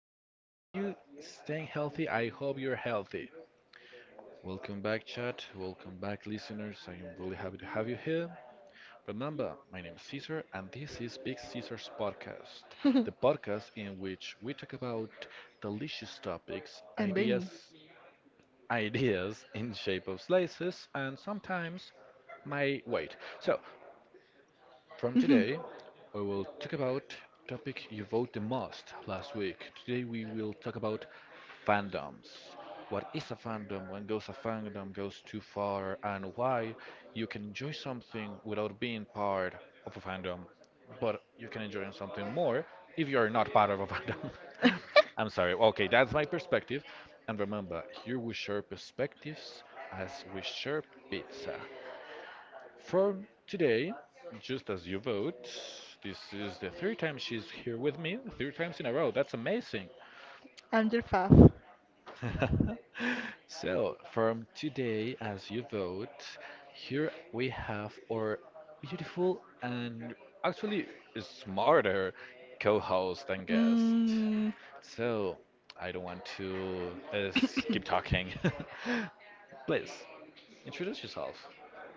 How are you? Are you staying healthy? I hope you're healthy. Welcome back, Chad. Welcome back, listeners. I am really happy to have you here. Remember, my name is Caesar, and this is Big Caesar's podcast, the podcast in which we talk about delicious topics, And ideas, bring. ideas in shape of slices, and sometimes my weight. So from I'm today, we will talk about topic you vote the most last week. Today we will talk about fandoms. What is a fandom? When goes a fandom goes too far, and why you can enjoy something without being part of a fandom, but you can enjoy something more if you are not part of a fandom. I'm sorry. Okay, that's my perspective. And remember, here we share perspectives as we share pizza. For today, just as you vote, this is the third time she's here with me, three times in a row. That's amazing. your fav. So, from today, as you vote, here we have our beautiful and actually smarter co host and guest. Mm, So, I don't want to keep talking. Please, introduce yourself.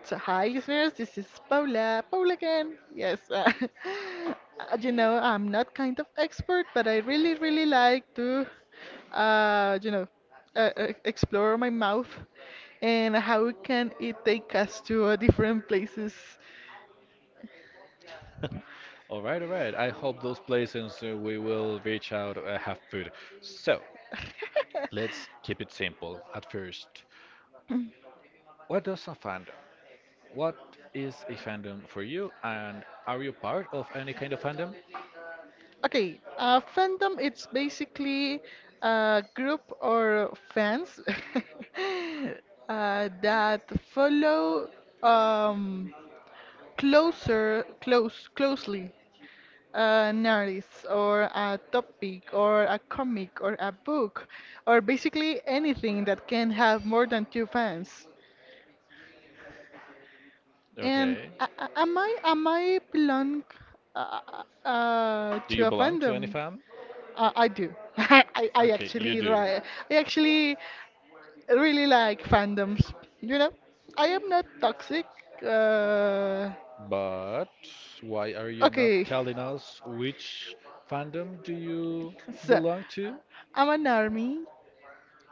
so hi listeners, this is Paula. Paula again. Yes. I'm not kind of expert, but I really, really like to, uh, you know, explore my mouth and how can it take us to different places. All right, all right. I hope those places we will reach out have food. So let's keep it simple at first. What does a fandom? What is a fandom for you? And are you part of any kind of fandom? Okay, fandom it's basically a group or fans that follow um, closely an artist or a topic or a comic or a book or basically anything that can have more than two fans. And Okay. am I belong Do you to a belong to any fandom? fam? I do. Okay, you do. I actually really like fandoms. You know, I am not toxic. Uh, But why are you not okay, telling us which fandom do you so belong to? I'm an army.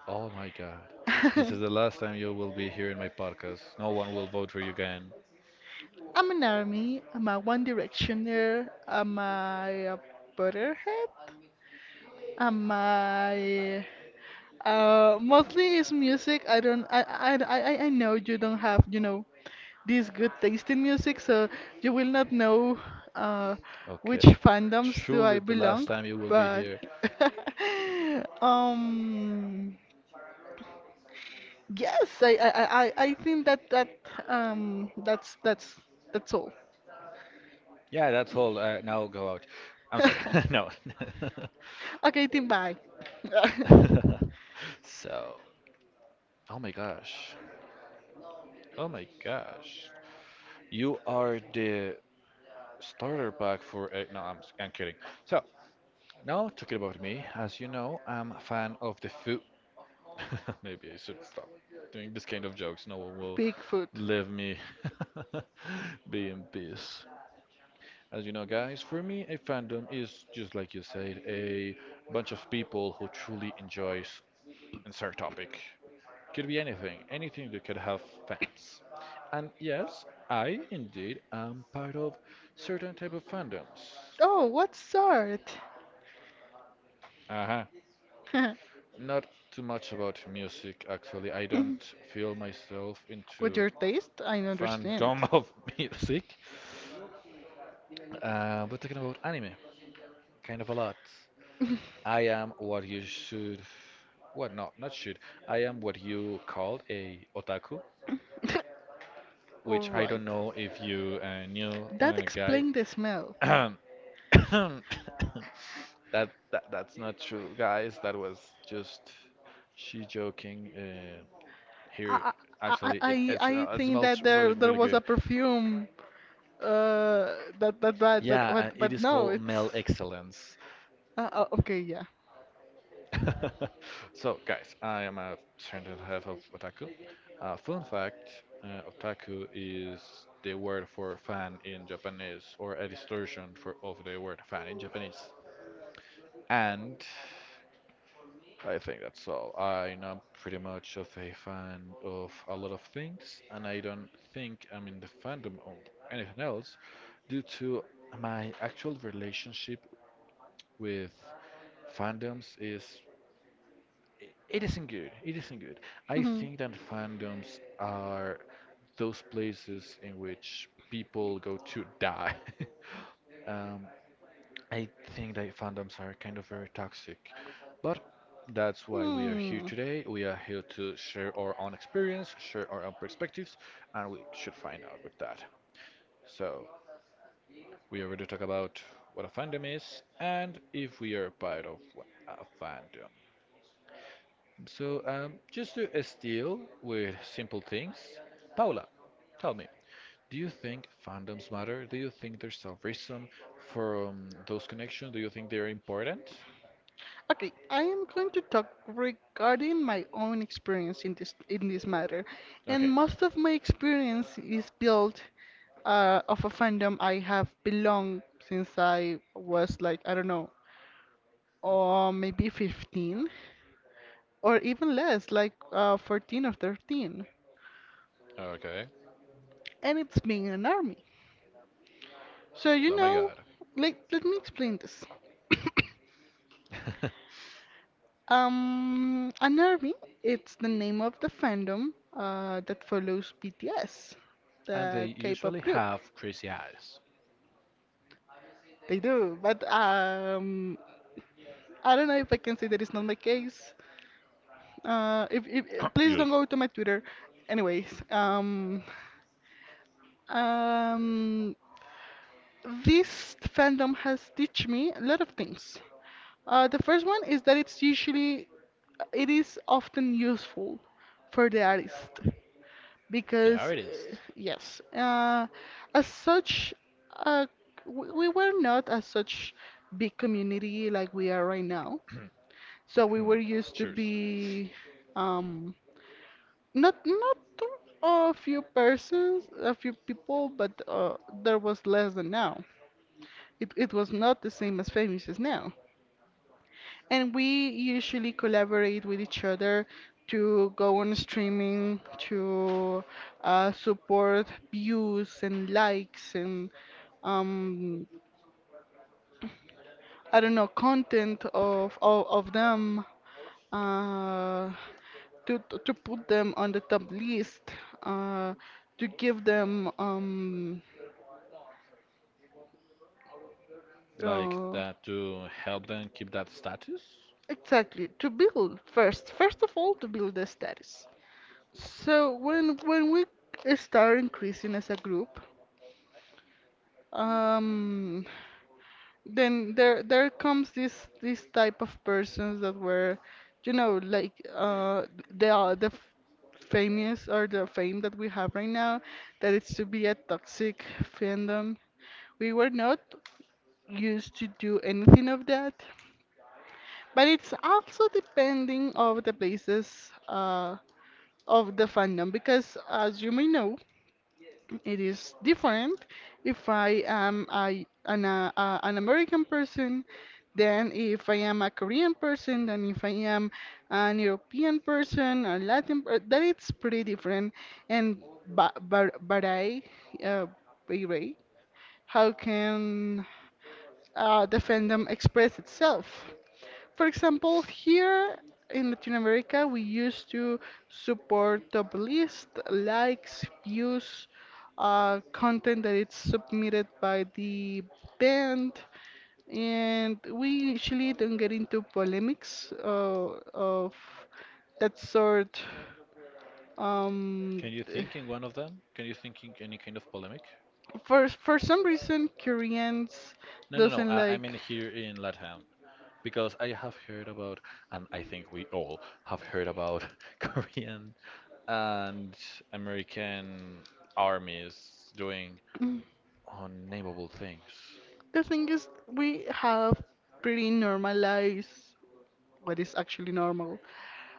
Oh my God. This is the last time you will be here in my podcast. No one will vote for you again. I'm an army. I'm a One Directioner. I'm a Butterhead. Am I? Mostly it's music. I don't. I know you don't have. You know, this good taste in music, so you will not know uh, which Okay. fandoms do Truly I the last belong. time you will be But here. um, yes, I think That's that's all. Yeah, that's all. Now go out. I'm sorry. No. Okay, then bye. So, oh my gosh. Oh my gosh. You are the starter pack for. A, no, I'm kidding. So, now talking about me. As you know, I'm a fan of the food. Maybe I should stop doing this kind of jokes. No one will Bigfoot. leave me be in peace. As you know, guys, for me, a fandom is just like you said, a bunch of people who truly enjoys insert topic. Could be anything, anything that could have fans. And yes, I indeed am part of certain type of fandoms. Oh, what sort? Uh-huh. Not too much about music, actually. I don't feel myself With into your taste, I understand. fandom of music. But talking about anime, kind of a lot. I am what you should well, no, not should. I am what you call a otaku, All which I right. don't know if you knew, That guy. explained the smell. Ahem, ahem, that's not true, guys. That was just she joking. Here, I I I, actually, it, I it's, I uh, it think smells that really there really was good. a perfume that that that Yeah, it but is no, called it's Mel Excellence. Okay, yeah. So, guys, I am a certain level of otaku. Fun fact, otaku is the word for fan in Japanese, or a distortion for of the word fan in Japanese. And I think that's all. I'm not pretty much of a fan of a lot of things, and I don't think I'm in the fandom of anything else due to my actual relationship with fandoms is it isn't good. It isn't good. I Mhm. think that fandoms are those places in which people go to die. Um, I think that fandoms are kind of very toxic, but that's why we are here Hmm. today. We are here to share our own experience, share our own perspectives, and we should find out with that. So we already talk about what a fandom is and if we are a part of a fandom. So just to steal with simple things, Paula, tell me, do you think fandoms matter? Do you think there's a reason for those connections? Do you think they're important? Okay, I am going to talk regarding my own experience in this matter. And Okay. most of my experience is built of a fandom I have belonged since I was like, I don't know, or maybe 15, or even less, like 14 or 13. Okay. And it's being in an army. So, you Oh my know, God. like, let me explain this. An army, it's the name of the fandom that follows BTS, And they the usually K-pop group. have crazy eyes. They do, but I don't know if I can say that it's not my case. If eh, please Yes. don't go to my Twitter. Anyways, Um, this fandom has teach me a lot of things. The first one is that it's usually, it is often useful for the artist The because artist. As such, uh, we were not as such big community like we are right now. So we were used to Cheers. be. Um, not a few persons, a few people, but there was less than now. It was not the same as famous as now. And we usually collaborate with each other to go on streaming, to support views and likes and um I don't know content of them uh, to put them on the top list, uh, to give them Like uh, that to help them keep that status? exactly, to build first first of all to build the status. So when we start increasing as a group, um, then there comes this type of persons that were, you know, like they are the famous or the fame that we have right now, that it's to be a toxic fandom. We were not used to do anything of that, but it's also depending of the places of the fandom because as you may know, it is different if I am an American person than if I am a Korean person, than if I am an European person, a Latin per- That it's pretty different. And ba bar Barai, uh, Bayrei, how can the fandom express itself? For example, here in Latin America, we used to support top list, likes, views, content that is submitted by the band, and we usually don't get into polemics of that sort. Um, Can you th- think in one of them? Can you think in any kind of polemic? for some reason, Koreans No, no, no. doesn't I like. mean here in LATAM. Because I have heard about, and I think we all have heard about Korean and American armies doing unnameable things. The thing is, we have pretty normalized what is actually normal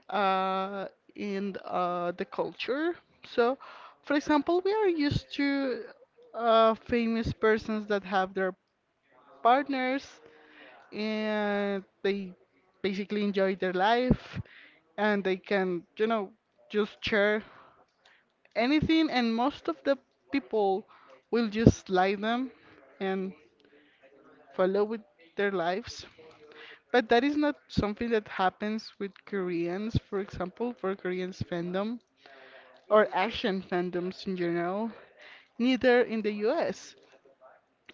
uh, in the culture. So, for example, we are used to famous persons that have their partners and they basically enjoy their life and they can, you know, just share anything, and most of the people will just like them and follow with their lives. But that is not something that happens with Koreans, for example, for Koreans fandom or Asian fandoms in general, neither in the US.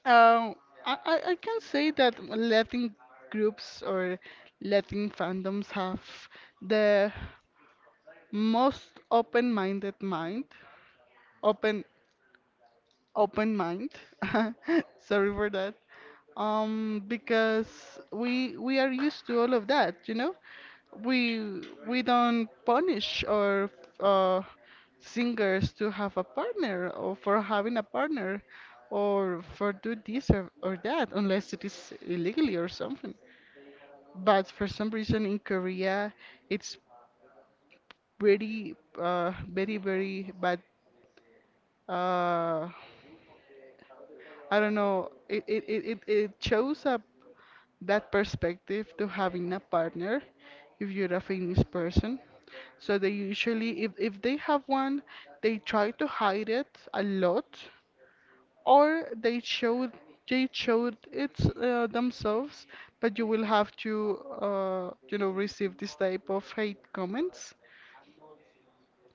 Um, I can say that Latin groups or Latin fandoms have the most open minded mind. Open open mind. Sorry for that. Because we are used to all of that, you know? We don't punish our uh, singers to have a partner or for having a partner or for do this or that unless it is illegally or something. But for some reason in Korea, it's very very bad, uh, I don't know. It shows up that perspective to having a partner if you're a famous person. So they usually, if they have one, they try to hide it a lot, or they showed it themselves. But you will have to, you know, receive this type of hate comments.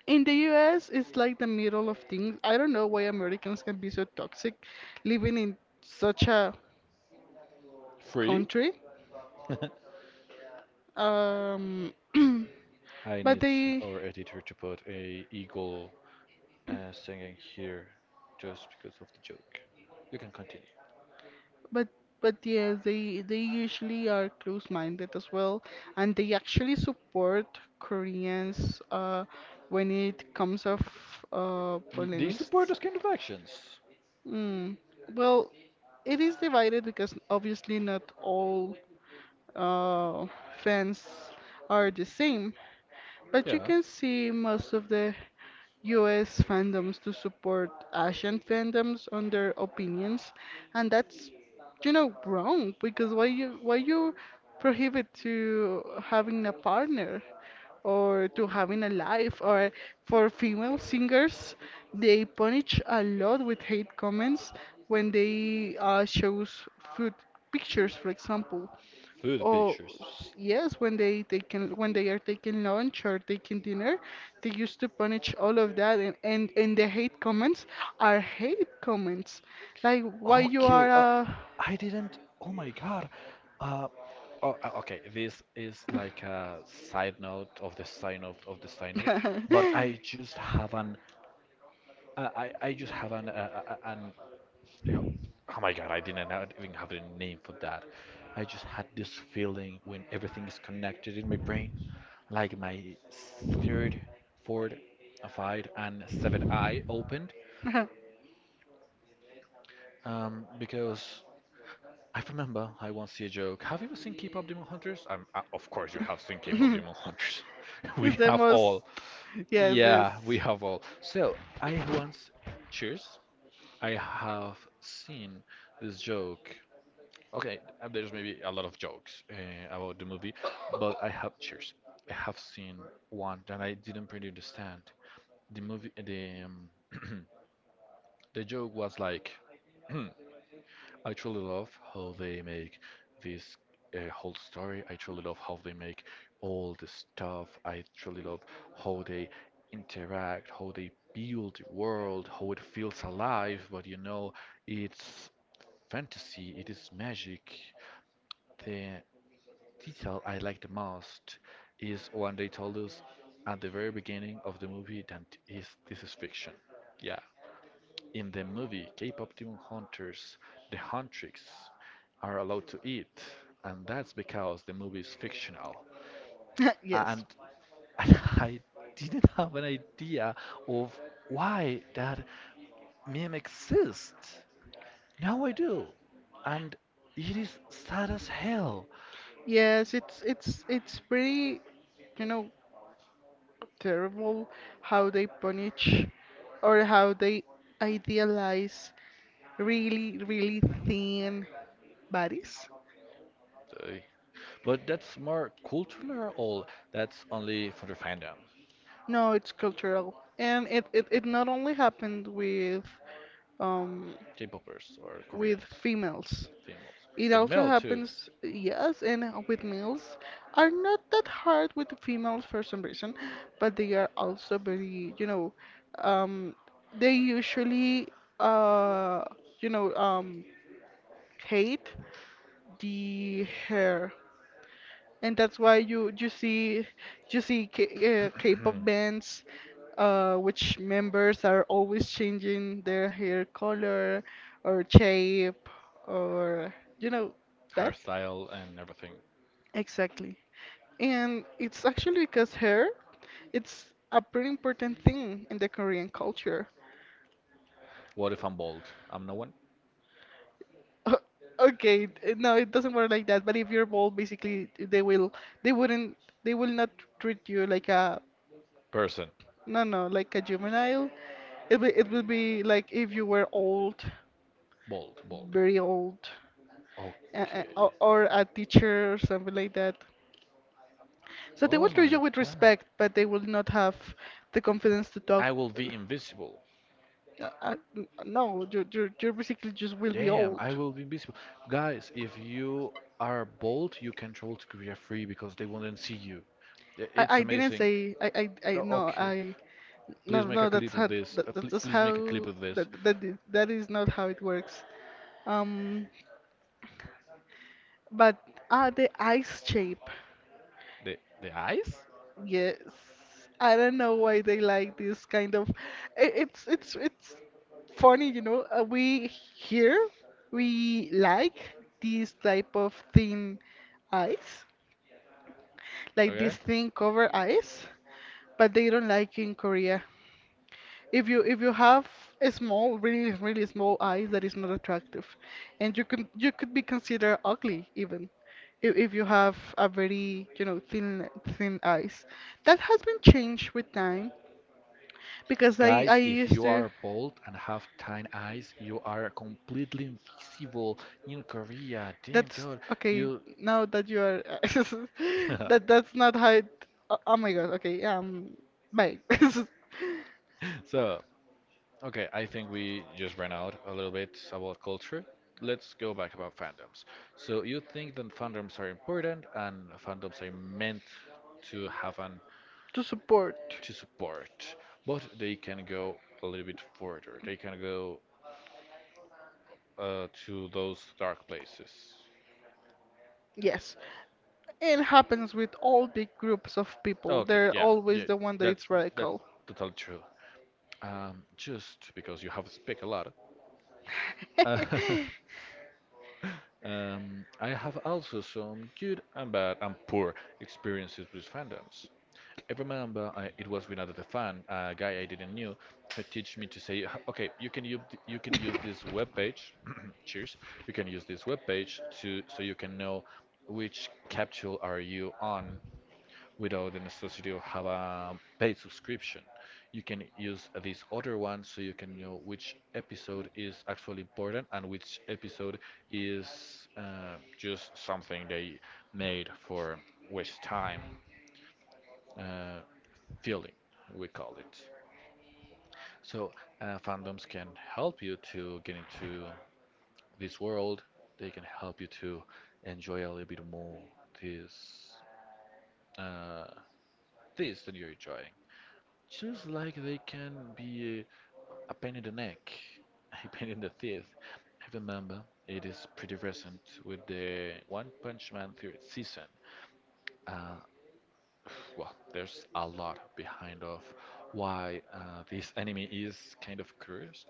In the US, it's like the middle of things. I don't know why Americans can be so toxic living in such a Free? country. Um, I but need they, our editor to put a eagle singing here just because of the joke. You can continue. but but yes, they usually are close-minded as well, and they actually support Koreans when it comes of Y- They polemics. support those kind of actions. Mm. Well, it is divided because obviously not all uh, fans are the same. But you Yeah. can see most of the US fandoms to support Asian fandoms on their opinions, and that's you know wrong because why you prohibit to having a partner or to having a life or for female singers they punish a lot with hate comments when they shows food pictures, for example. Food pictures. Yes, when they are taking lunch or taking dinner, they used to punish all of that, and the hate comments are hate comments. Like why you are Okay. A I didn't. Oh my God. Uh, oh, okay. This is like a side note of the side note of the side note, but I just have an. I just have an yeah. Oh my god, I didn't know- even have a name for that. I just had this feeling when everything is connected in my brain, like my third, fourth, five, and seventh eye opened. Because I remember I once see a joke. Have you ever seen K-pop Demon Hunters? Of course you have seen K-pop it's Demon Hunters. We the have most, all. yes, yes. Yeah, we have all. So I once, cheers. I have seen this joke okay, and there's maybe a lot of jokes about the movie, but I have cheers. I have seen one that I didn't pretty understand. The movie, the the joke was like, I truly love how they make this whole story. I truly love how they make all the stuff. I truly love how they interact, how they build the world, how it feels alive. But you know, it's fantasy. It is magic. The detail I like the most is when they told us at the very beginning of the movie that is this is fiction. Yeah. In the movie, K-pop demon hunters, the huntress, are allowed to eat, and that's because the movie is fictional. Yes. And, and I didn't have an idea of why that meme exists. Now I do, and it is sad as hell. Yes, it's pretty, you know, terrible how they punish or how they idealize really, really thin bodies. Ay. But that's more cultural or that's only for the fandom, No, it's cultural. And it not only happened um K-popers or with Koreans, females. females. It But also male too, happens, yes, and with males are not that hard with the females for some reason, but they are also very, you know, um, they usually, uh, you know, um, hate the hair and that's why you you see K, K-pop bands, which members are always changing their hair color or shape or you know that hairstyle and everything. exactly and it's actually because hair it's a pretty important thing in the Korean culture. What if I'm bald? I'm no one Uh, okay no it doesn't work like that but if you're bald basically they wouldn't they will not treat you like a person. No, no, like a juvenile. It will be like if you were old, Bald, bald. very old, Okay. Or a teacher or something like that. So they Oh will treat you my with god. respect, but they will not have the confidence to talk. I will be invisible. No, you basically just will be Damn, old. I will be invisible. Guys, if you are bold, you can travel to Korea free because they won't see you. I- It's I didn't amazing. say No, okay. I no Please make a no that's clip of how this. That, that- Pl that's Please make a clip how of that, this. that is- That is not how it works. Um, but the ice shape. The the eyes? Yes. I don't know why they like this kind of it's funny, you know. We here we like this type of thin eyes, like this Okay? thin cover eyes, but they don't like in Korea if you have a small, really really small eyes, that is not attractive, and you could be considered ugly even, if you have a very you know thin eyes. That has been changed with time because I Guys, if used you to. are bold and have tiny eyes, you are completely invisible in Korea. Damn That's God, okay. you. Now that you are, that that's not how. It, oh, oh my God. Okay. Bye. So okay, I think we just ran out a little bit about culture. Let's go back about fandoms. So you think that fandoms are important and fandoms are meant to have an To support. to support, but they can go a little bit further. They can go to those dark places. Yes. It happens with all big groups of people. Okay, They're yeah, always yeah, the one that that is that's radical. totally true. Just because you have speak a lot. I have also some good and bad and poor experiences with fandoms. I remember I, it was with another fan, a guy I didn't knew, who teach me to say, "H- okay, you can use this web page. Cheers. You can use this web page to so you can know which capsule are you on without the necessity of have a paid subscription. You can use this other one so you can know which episode is actually important and which episode is just something they made for waste time uh, filling, we call it. So fandoms can help you to get into this world. They can help you to enjoy a little bit more this uh, this that you enjoy. Just like they can be a pain in the neck, a pain in the teeth. I remember it is pretty recent with the One Punch Man third season. Uh, well, there's a lot behind of why this anime is kind of cursed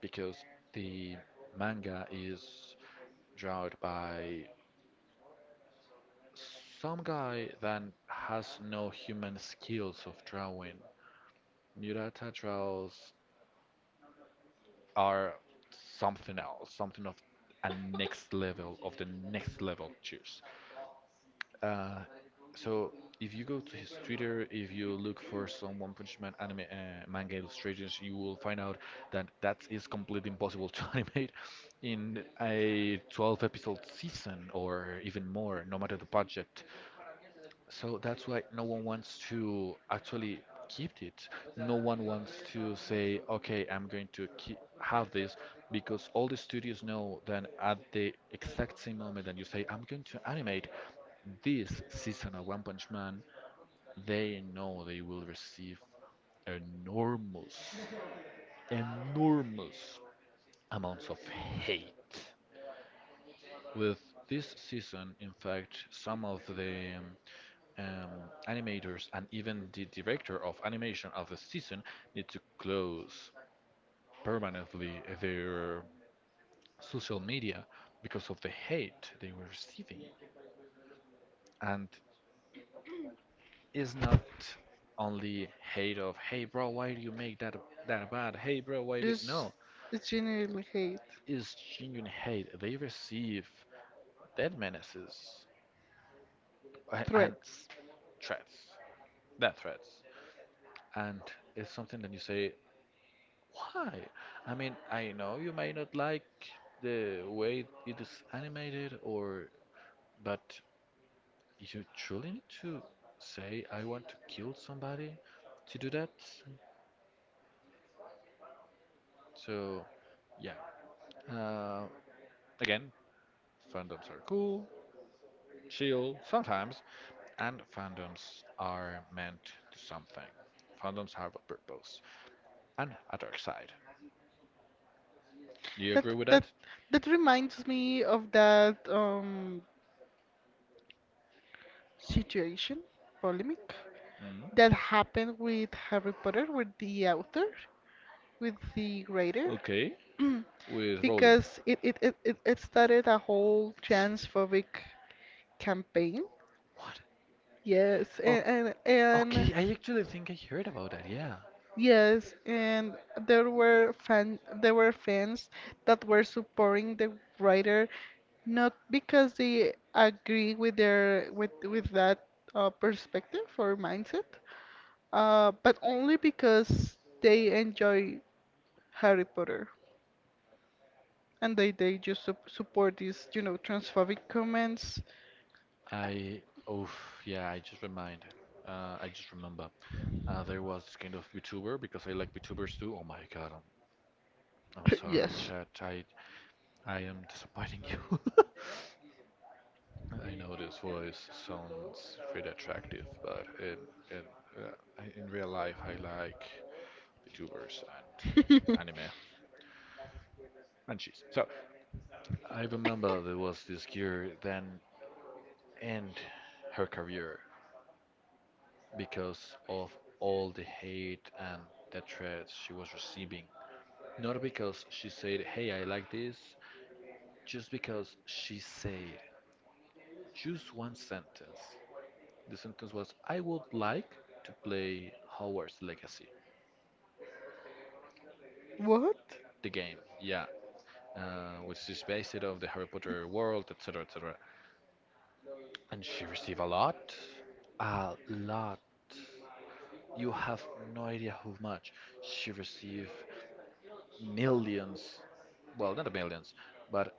because the manga is drawn by some guy that has no human skills of drawing. Murata draws are something else, something of a next level, of the next level juice. Uh, so if you go to his Twitter, if you look for some One Punch Man anime manga illustrations, you will find out that that is completely impossible to animate in a 12 episode season or even more, no matter the budget. So that's why no one wants to actually keep it. No one wants to say, okay, I'm going to keep, have this because all the studios know that at the exact same moment that you say, I'm going to animate this season of One Punch Man, they know they will receive enormous, enormous amounts of hate. With this season, in fact, some of the um, animators and even the director of animation of the season need to close permanently their social media because of the hate they were receiving. And it's not only hate of, hey bro, why do you make that bad, hey bro, why do Just no, generally hate it's genuine hate they receive. Death menaces and threats. threats, death threats. And it's something that you say, why? I mean, I know you may not like the way it is animated or, but you truly need to say I want to kill somebody to do that. So, yeah. Uh, again, fandoms are cool, chill sometimes, and fandoms are meant to something. Fandoms have a purpose and a dark side. Do you agree That with that? that that reminds me of that situation, polemic, Mm? that happened with Harry Potter, with the author, with the writer. Okay, with Rowling. Because it started a whole transphobic campaign. What? Yes, Oh, and and, and okay. I actually think I heard about that. Yeah. Yes, and there were fans that were supporting the writer not because they agree with their with that perspective or mindset, but only because they enjoy Harry Potter and they just su- support these you know transphobic comments. I. Oh, yeah. I just remind. I just remember. There was this kind of VTuber, because I like VTubers too. Oh my God. I'm sorry, Yes. chat. I am disappointing you. I know this voice sounds pretty attractive, but in uh, in real life, I like VTubers and anime and cheese. So I remember there was this gear. Then end her career because of all the hate and the threats she was receiving. Not because she said, hey, I like this, just because she said just one sentence. The sentence was, I would like to play Hogwarts Legacy, What? the game, yeah, which is based off the Harry Potter world, etc., etc. And she received a lot, a lot. You have no idea how much she received. Millions, well, not millions, but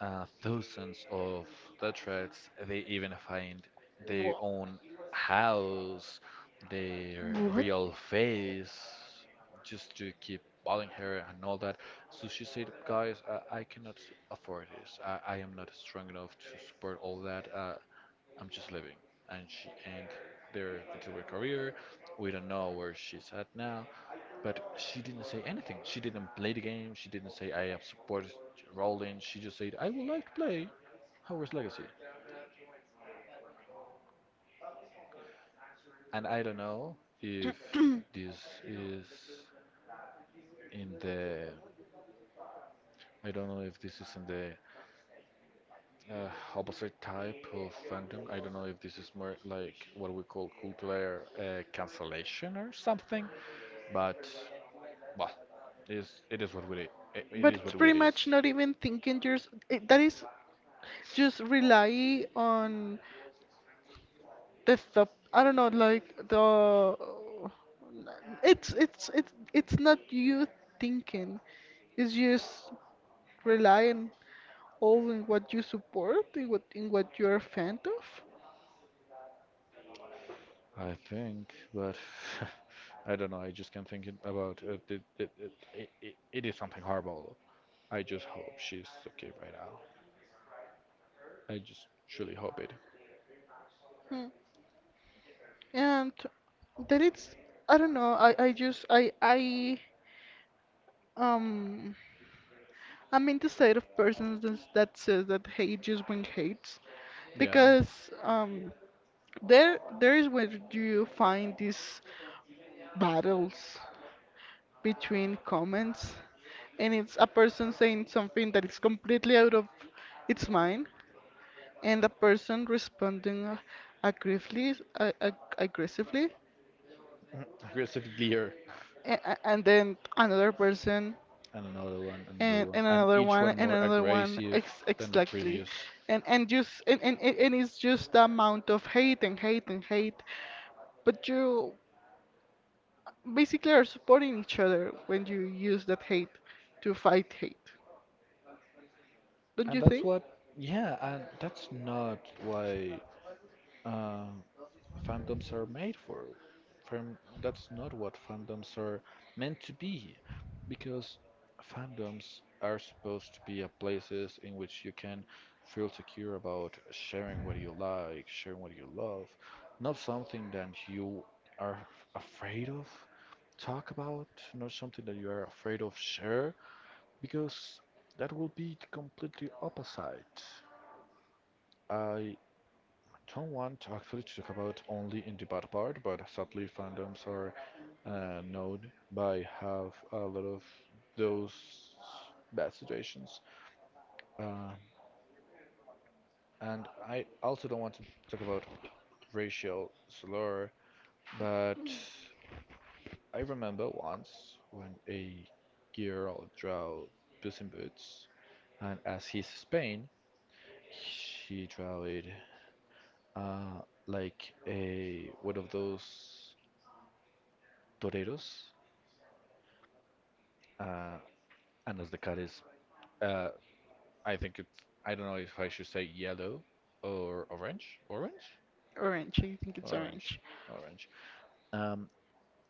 thousands of Dutchites. They even find their Wha- own house, their What? real face, just to keep balling her and all that. So she said, guys, I cannot afford this. I am not strong enough to support all that. I'm just living. And she ended their VTuber career. We don't know where she's at now. But she didn't say anything. She didn't play the game. She didn't say I have supported Rowling. She just said I would like to play Hogwarts Legacy. And this is in the I don't know if this is in the uh, opposite type of fandom. I don't know if this is more like what we call cultural cancellation or something. But well, it is it is what we it But is it's what pretty it much is. not even thinking. Just it, that is just rely on the stuff. I don't know, like the. It's not you thinking. It's just relying. All in what you support, in what you're a fan of? I think, but I don't know. I just can't think it about it. It is something horrible. I just hope she's okay right now. I just truly hope it. Hmm. And that it's I don't know, I just um I mean the side of persons is- that says that hate just brings hates, Yeah. because there is where you find these battles between comments, and it's a person saying something that is completely out of its mind, and the person responding aggressively, aggressively, Aggressive leer. A- and then another person And another one, another and one. and And another each one one and more another one aggressive ex than the exactly. previous. And and just and, and and and it's just the amount of hate and hate and hate, but you basically are supporting each other when you use that hate to fight hate, don't And you that's think? what, yeah, and that's not why. Uh, fandoms are made for. Fan- that's not what fandoms are meant to be, because fandoms are supposed to be a places in which you can feel secure about sharing what you like, sharing what you love, not something that you are afraid of talk about, not something that you are afraid of share, because that will be the completely opposite. I don't want to actually to talk about only in the bad part, but sadly, fandoms are known by have a lot of those bad situations. Uh, and I also don't want to talk about racial slur, but I remember once when a girl drew Puss in Boots, and as his Spain, she drew it uh, like a one of those toreros. Uh, And as the cat is, uh, I think it's, I don't know if I should say yellow or orange. Orange? Orange, I think it's Orange. orange. Orange. Um,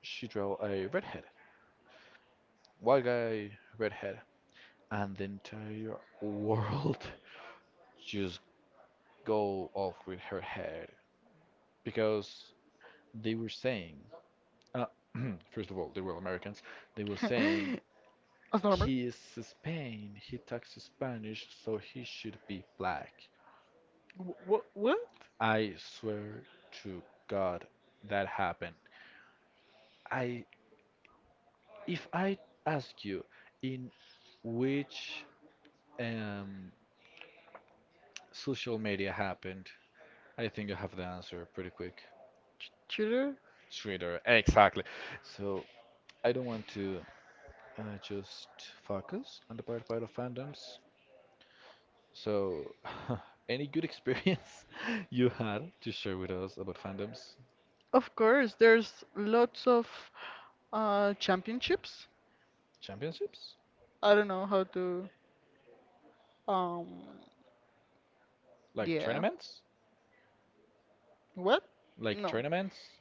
she draw a redhead, white guy, redhead. And the entire world just go off with her head. Because they were saying, uh, first of all, they were Americans. They were saying, as normal. he is Spain. He talks Spanish, so he should be black. What, what? I swear to God that happened. I if I ask you in which um, social media happened, I think you have the answer pretty quick. Ch- cheater. Twitter, exactly. So I don't want to just focus on the part of fandoms. So any good experience you had to share with us about fandoms? Of course, there's lots of championships. Championships? I don't know how to. Um, Like yeah. tournaments? What? Like No. tournaments?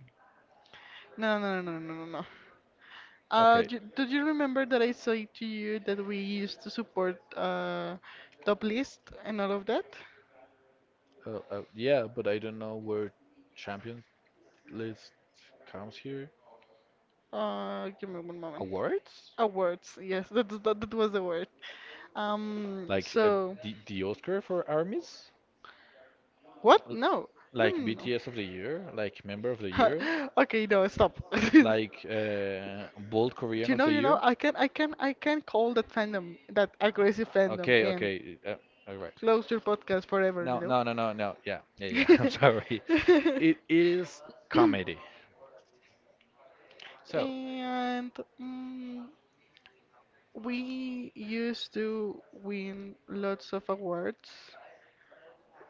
No, no, no, no, no, no, no. Uh, Okay. do, do you remember that I said to you that we used to support top list and all of that? Yeah, but I don't know where Champions List comes here. Give me one moment. Awards? Awards, yes, that was the word. Like So the Oscar for armies? what? L- No, no, no, Like no. no. BTS of the year? Like Member of the Year? Okay, no, stop. Do Like Bold Korean of the you know, Year? I can, I can, I can call that fandom, that aggressive fandom, Okay, and okay. All right. close your podcast forever. No, You no, no, no, no. Yeah, yeah, yeah. I'm sorry. know. It is comedy. So, And mm, we used to win lots of awards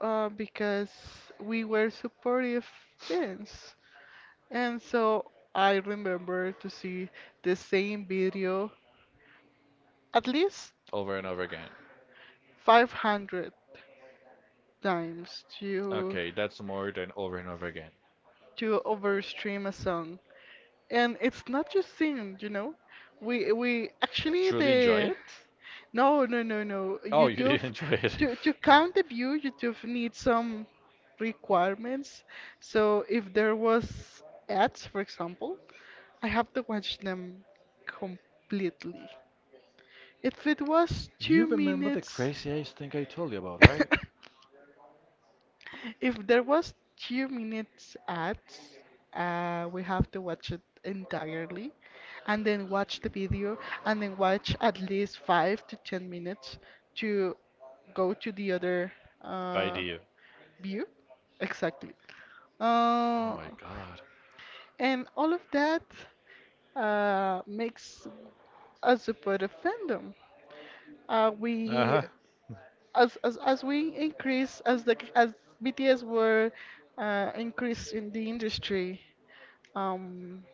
because we were supportive fans. And so I remember to see the same video at least over and over again. 500 times to Okay, that's more than over and over again. Overstream a song. And it's not just singing, you know. We actually Truly enjoy the it? No, no, no, no. Oh, you YouTube, did enjoy it. To count the view, YouTube needs some requirements. So if there was ads, for example, I have to watch them completely. If it was You two remember the minutes, craziest thing I told you about, right? if there was 2 minutes ads, we have to watch it entirely, and then watch the video, and then watch at least 5 to 10 minutes to go to the other By uh, you. view. Exactly. Oh Uh, my god. and all of that makes us a part of fandom. We Uh-huh. As we increase, as the as BTS were increased in the industry, um,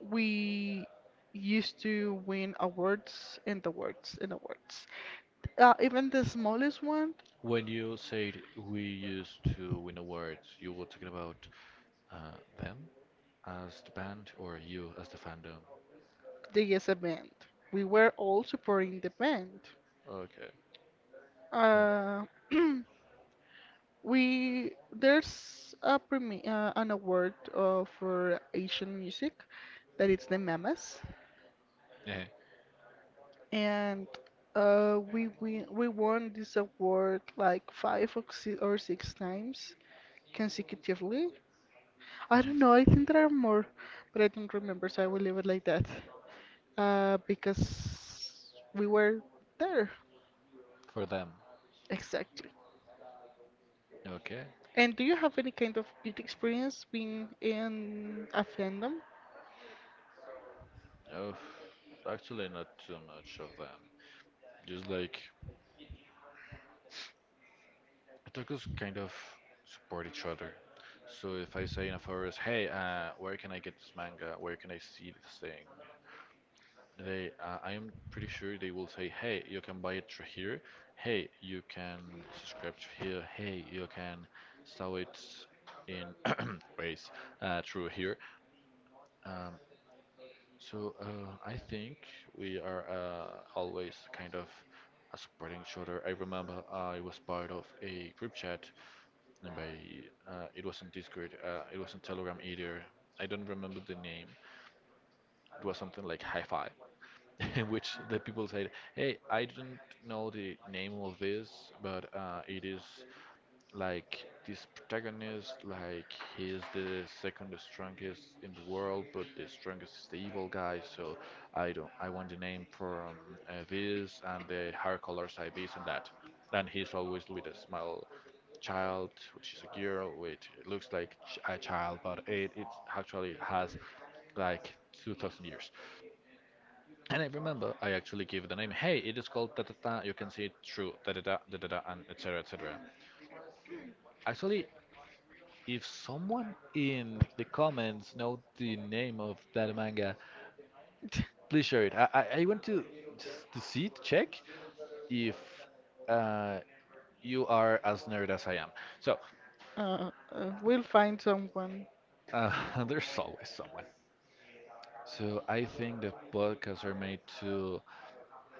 we used to win awards and awards and awards. Even the smallest one, When you said we used to win awards, you were talking about them as the band or you as the fandom? they is a band. We were all supporting the band. Okay. Uh, we there's a premi an award for Asian music that it's the Mamas. Yeah. And we won this award like five or six times consecutively. I don't know. I think there Mhm. are more, but I don't remember, so I will leave it like that. Because we were there. For them. Exactly. Okay. And do you have any kind of good experience being in a fandom? Oh, actually, not too much of them. Just like otakus kind of support each other. So if I say in a forest, "Hey, where can I get this manga? Where can I see this thing?" They, I am pretty sure they will say, "Hey, you can buy it through here. Hey, you can subscribe to here. Hey, you can sell it in ways through here." Um, so I think we are always kind of supporting each other. I remember I was part of a group chat, and by it wasn't Discord, it wasn't Telegram either. I don't remember the name. It was something like Hi Fi, in which the people said, "Hey, I don't know the name of this, but it is like this protagonist, like he is the second strongest in the world, but the strongest is the evil guy. So I don't. I want the name from this and the hair colors I this and that. And he's always with a small child, which is a girl, which looks like a child, but it actually has like 2,000 years. And I remember I actually gave the name. Hey, it is called da da da. You can see it through da da da da da da and etc. etc. Actually, if someone in the comments know the name of that manga, please share it. I want to just to see to check if uh, you are as nerd as I am. So We'll find someone. uh, there's always someone. So I think that podcasts are made to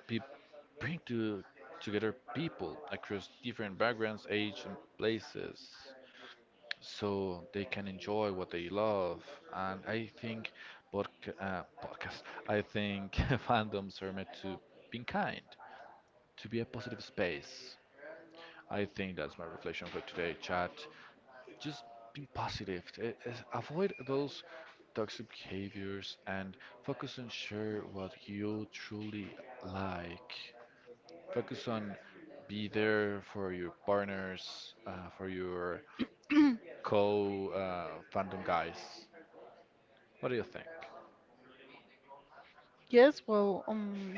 be, bring to together people across different backgrounds, age, and places, so they can enjoy what they love. And I think podcast, I think fandoms are meant to be kind, to be a positive space. I think that's my reflection for today, chat. Just be positive. Avoid those toxic behaviors and focus on share what you truly like. Focus on be there for your partners, for your co fandom guys. What do you think? Yes, well,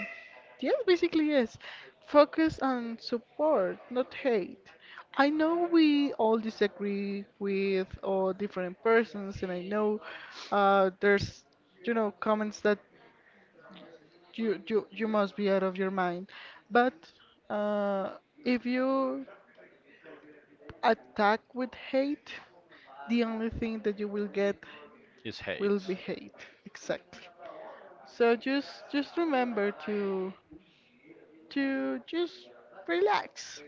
yes, basically, yes. Focus on support, not hate. I know we all disagree with all different persons, and I know there's, you know, comments that you must be out of your mind. But uh, if you attack with hate, the only thing that you will get Is will be hate. hate. Exactly. So just remember to just relax,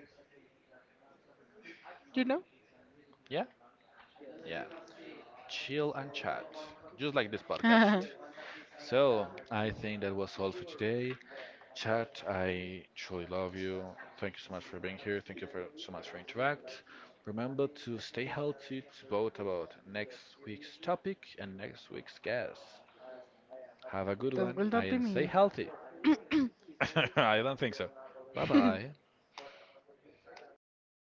you know? Yeah? Yeah. Chill and chat, just like this podcast. That So, I think that was all for today. Chat, I truly love you. Thank you so much for being here. Thank you for so much for interact. Remember to stay healthy, to vote about next week's topic and next week's guest. Have a good one will not be and stay me. healthy. I don't think so. Bye bye.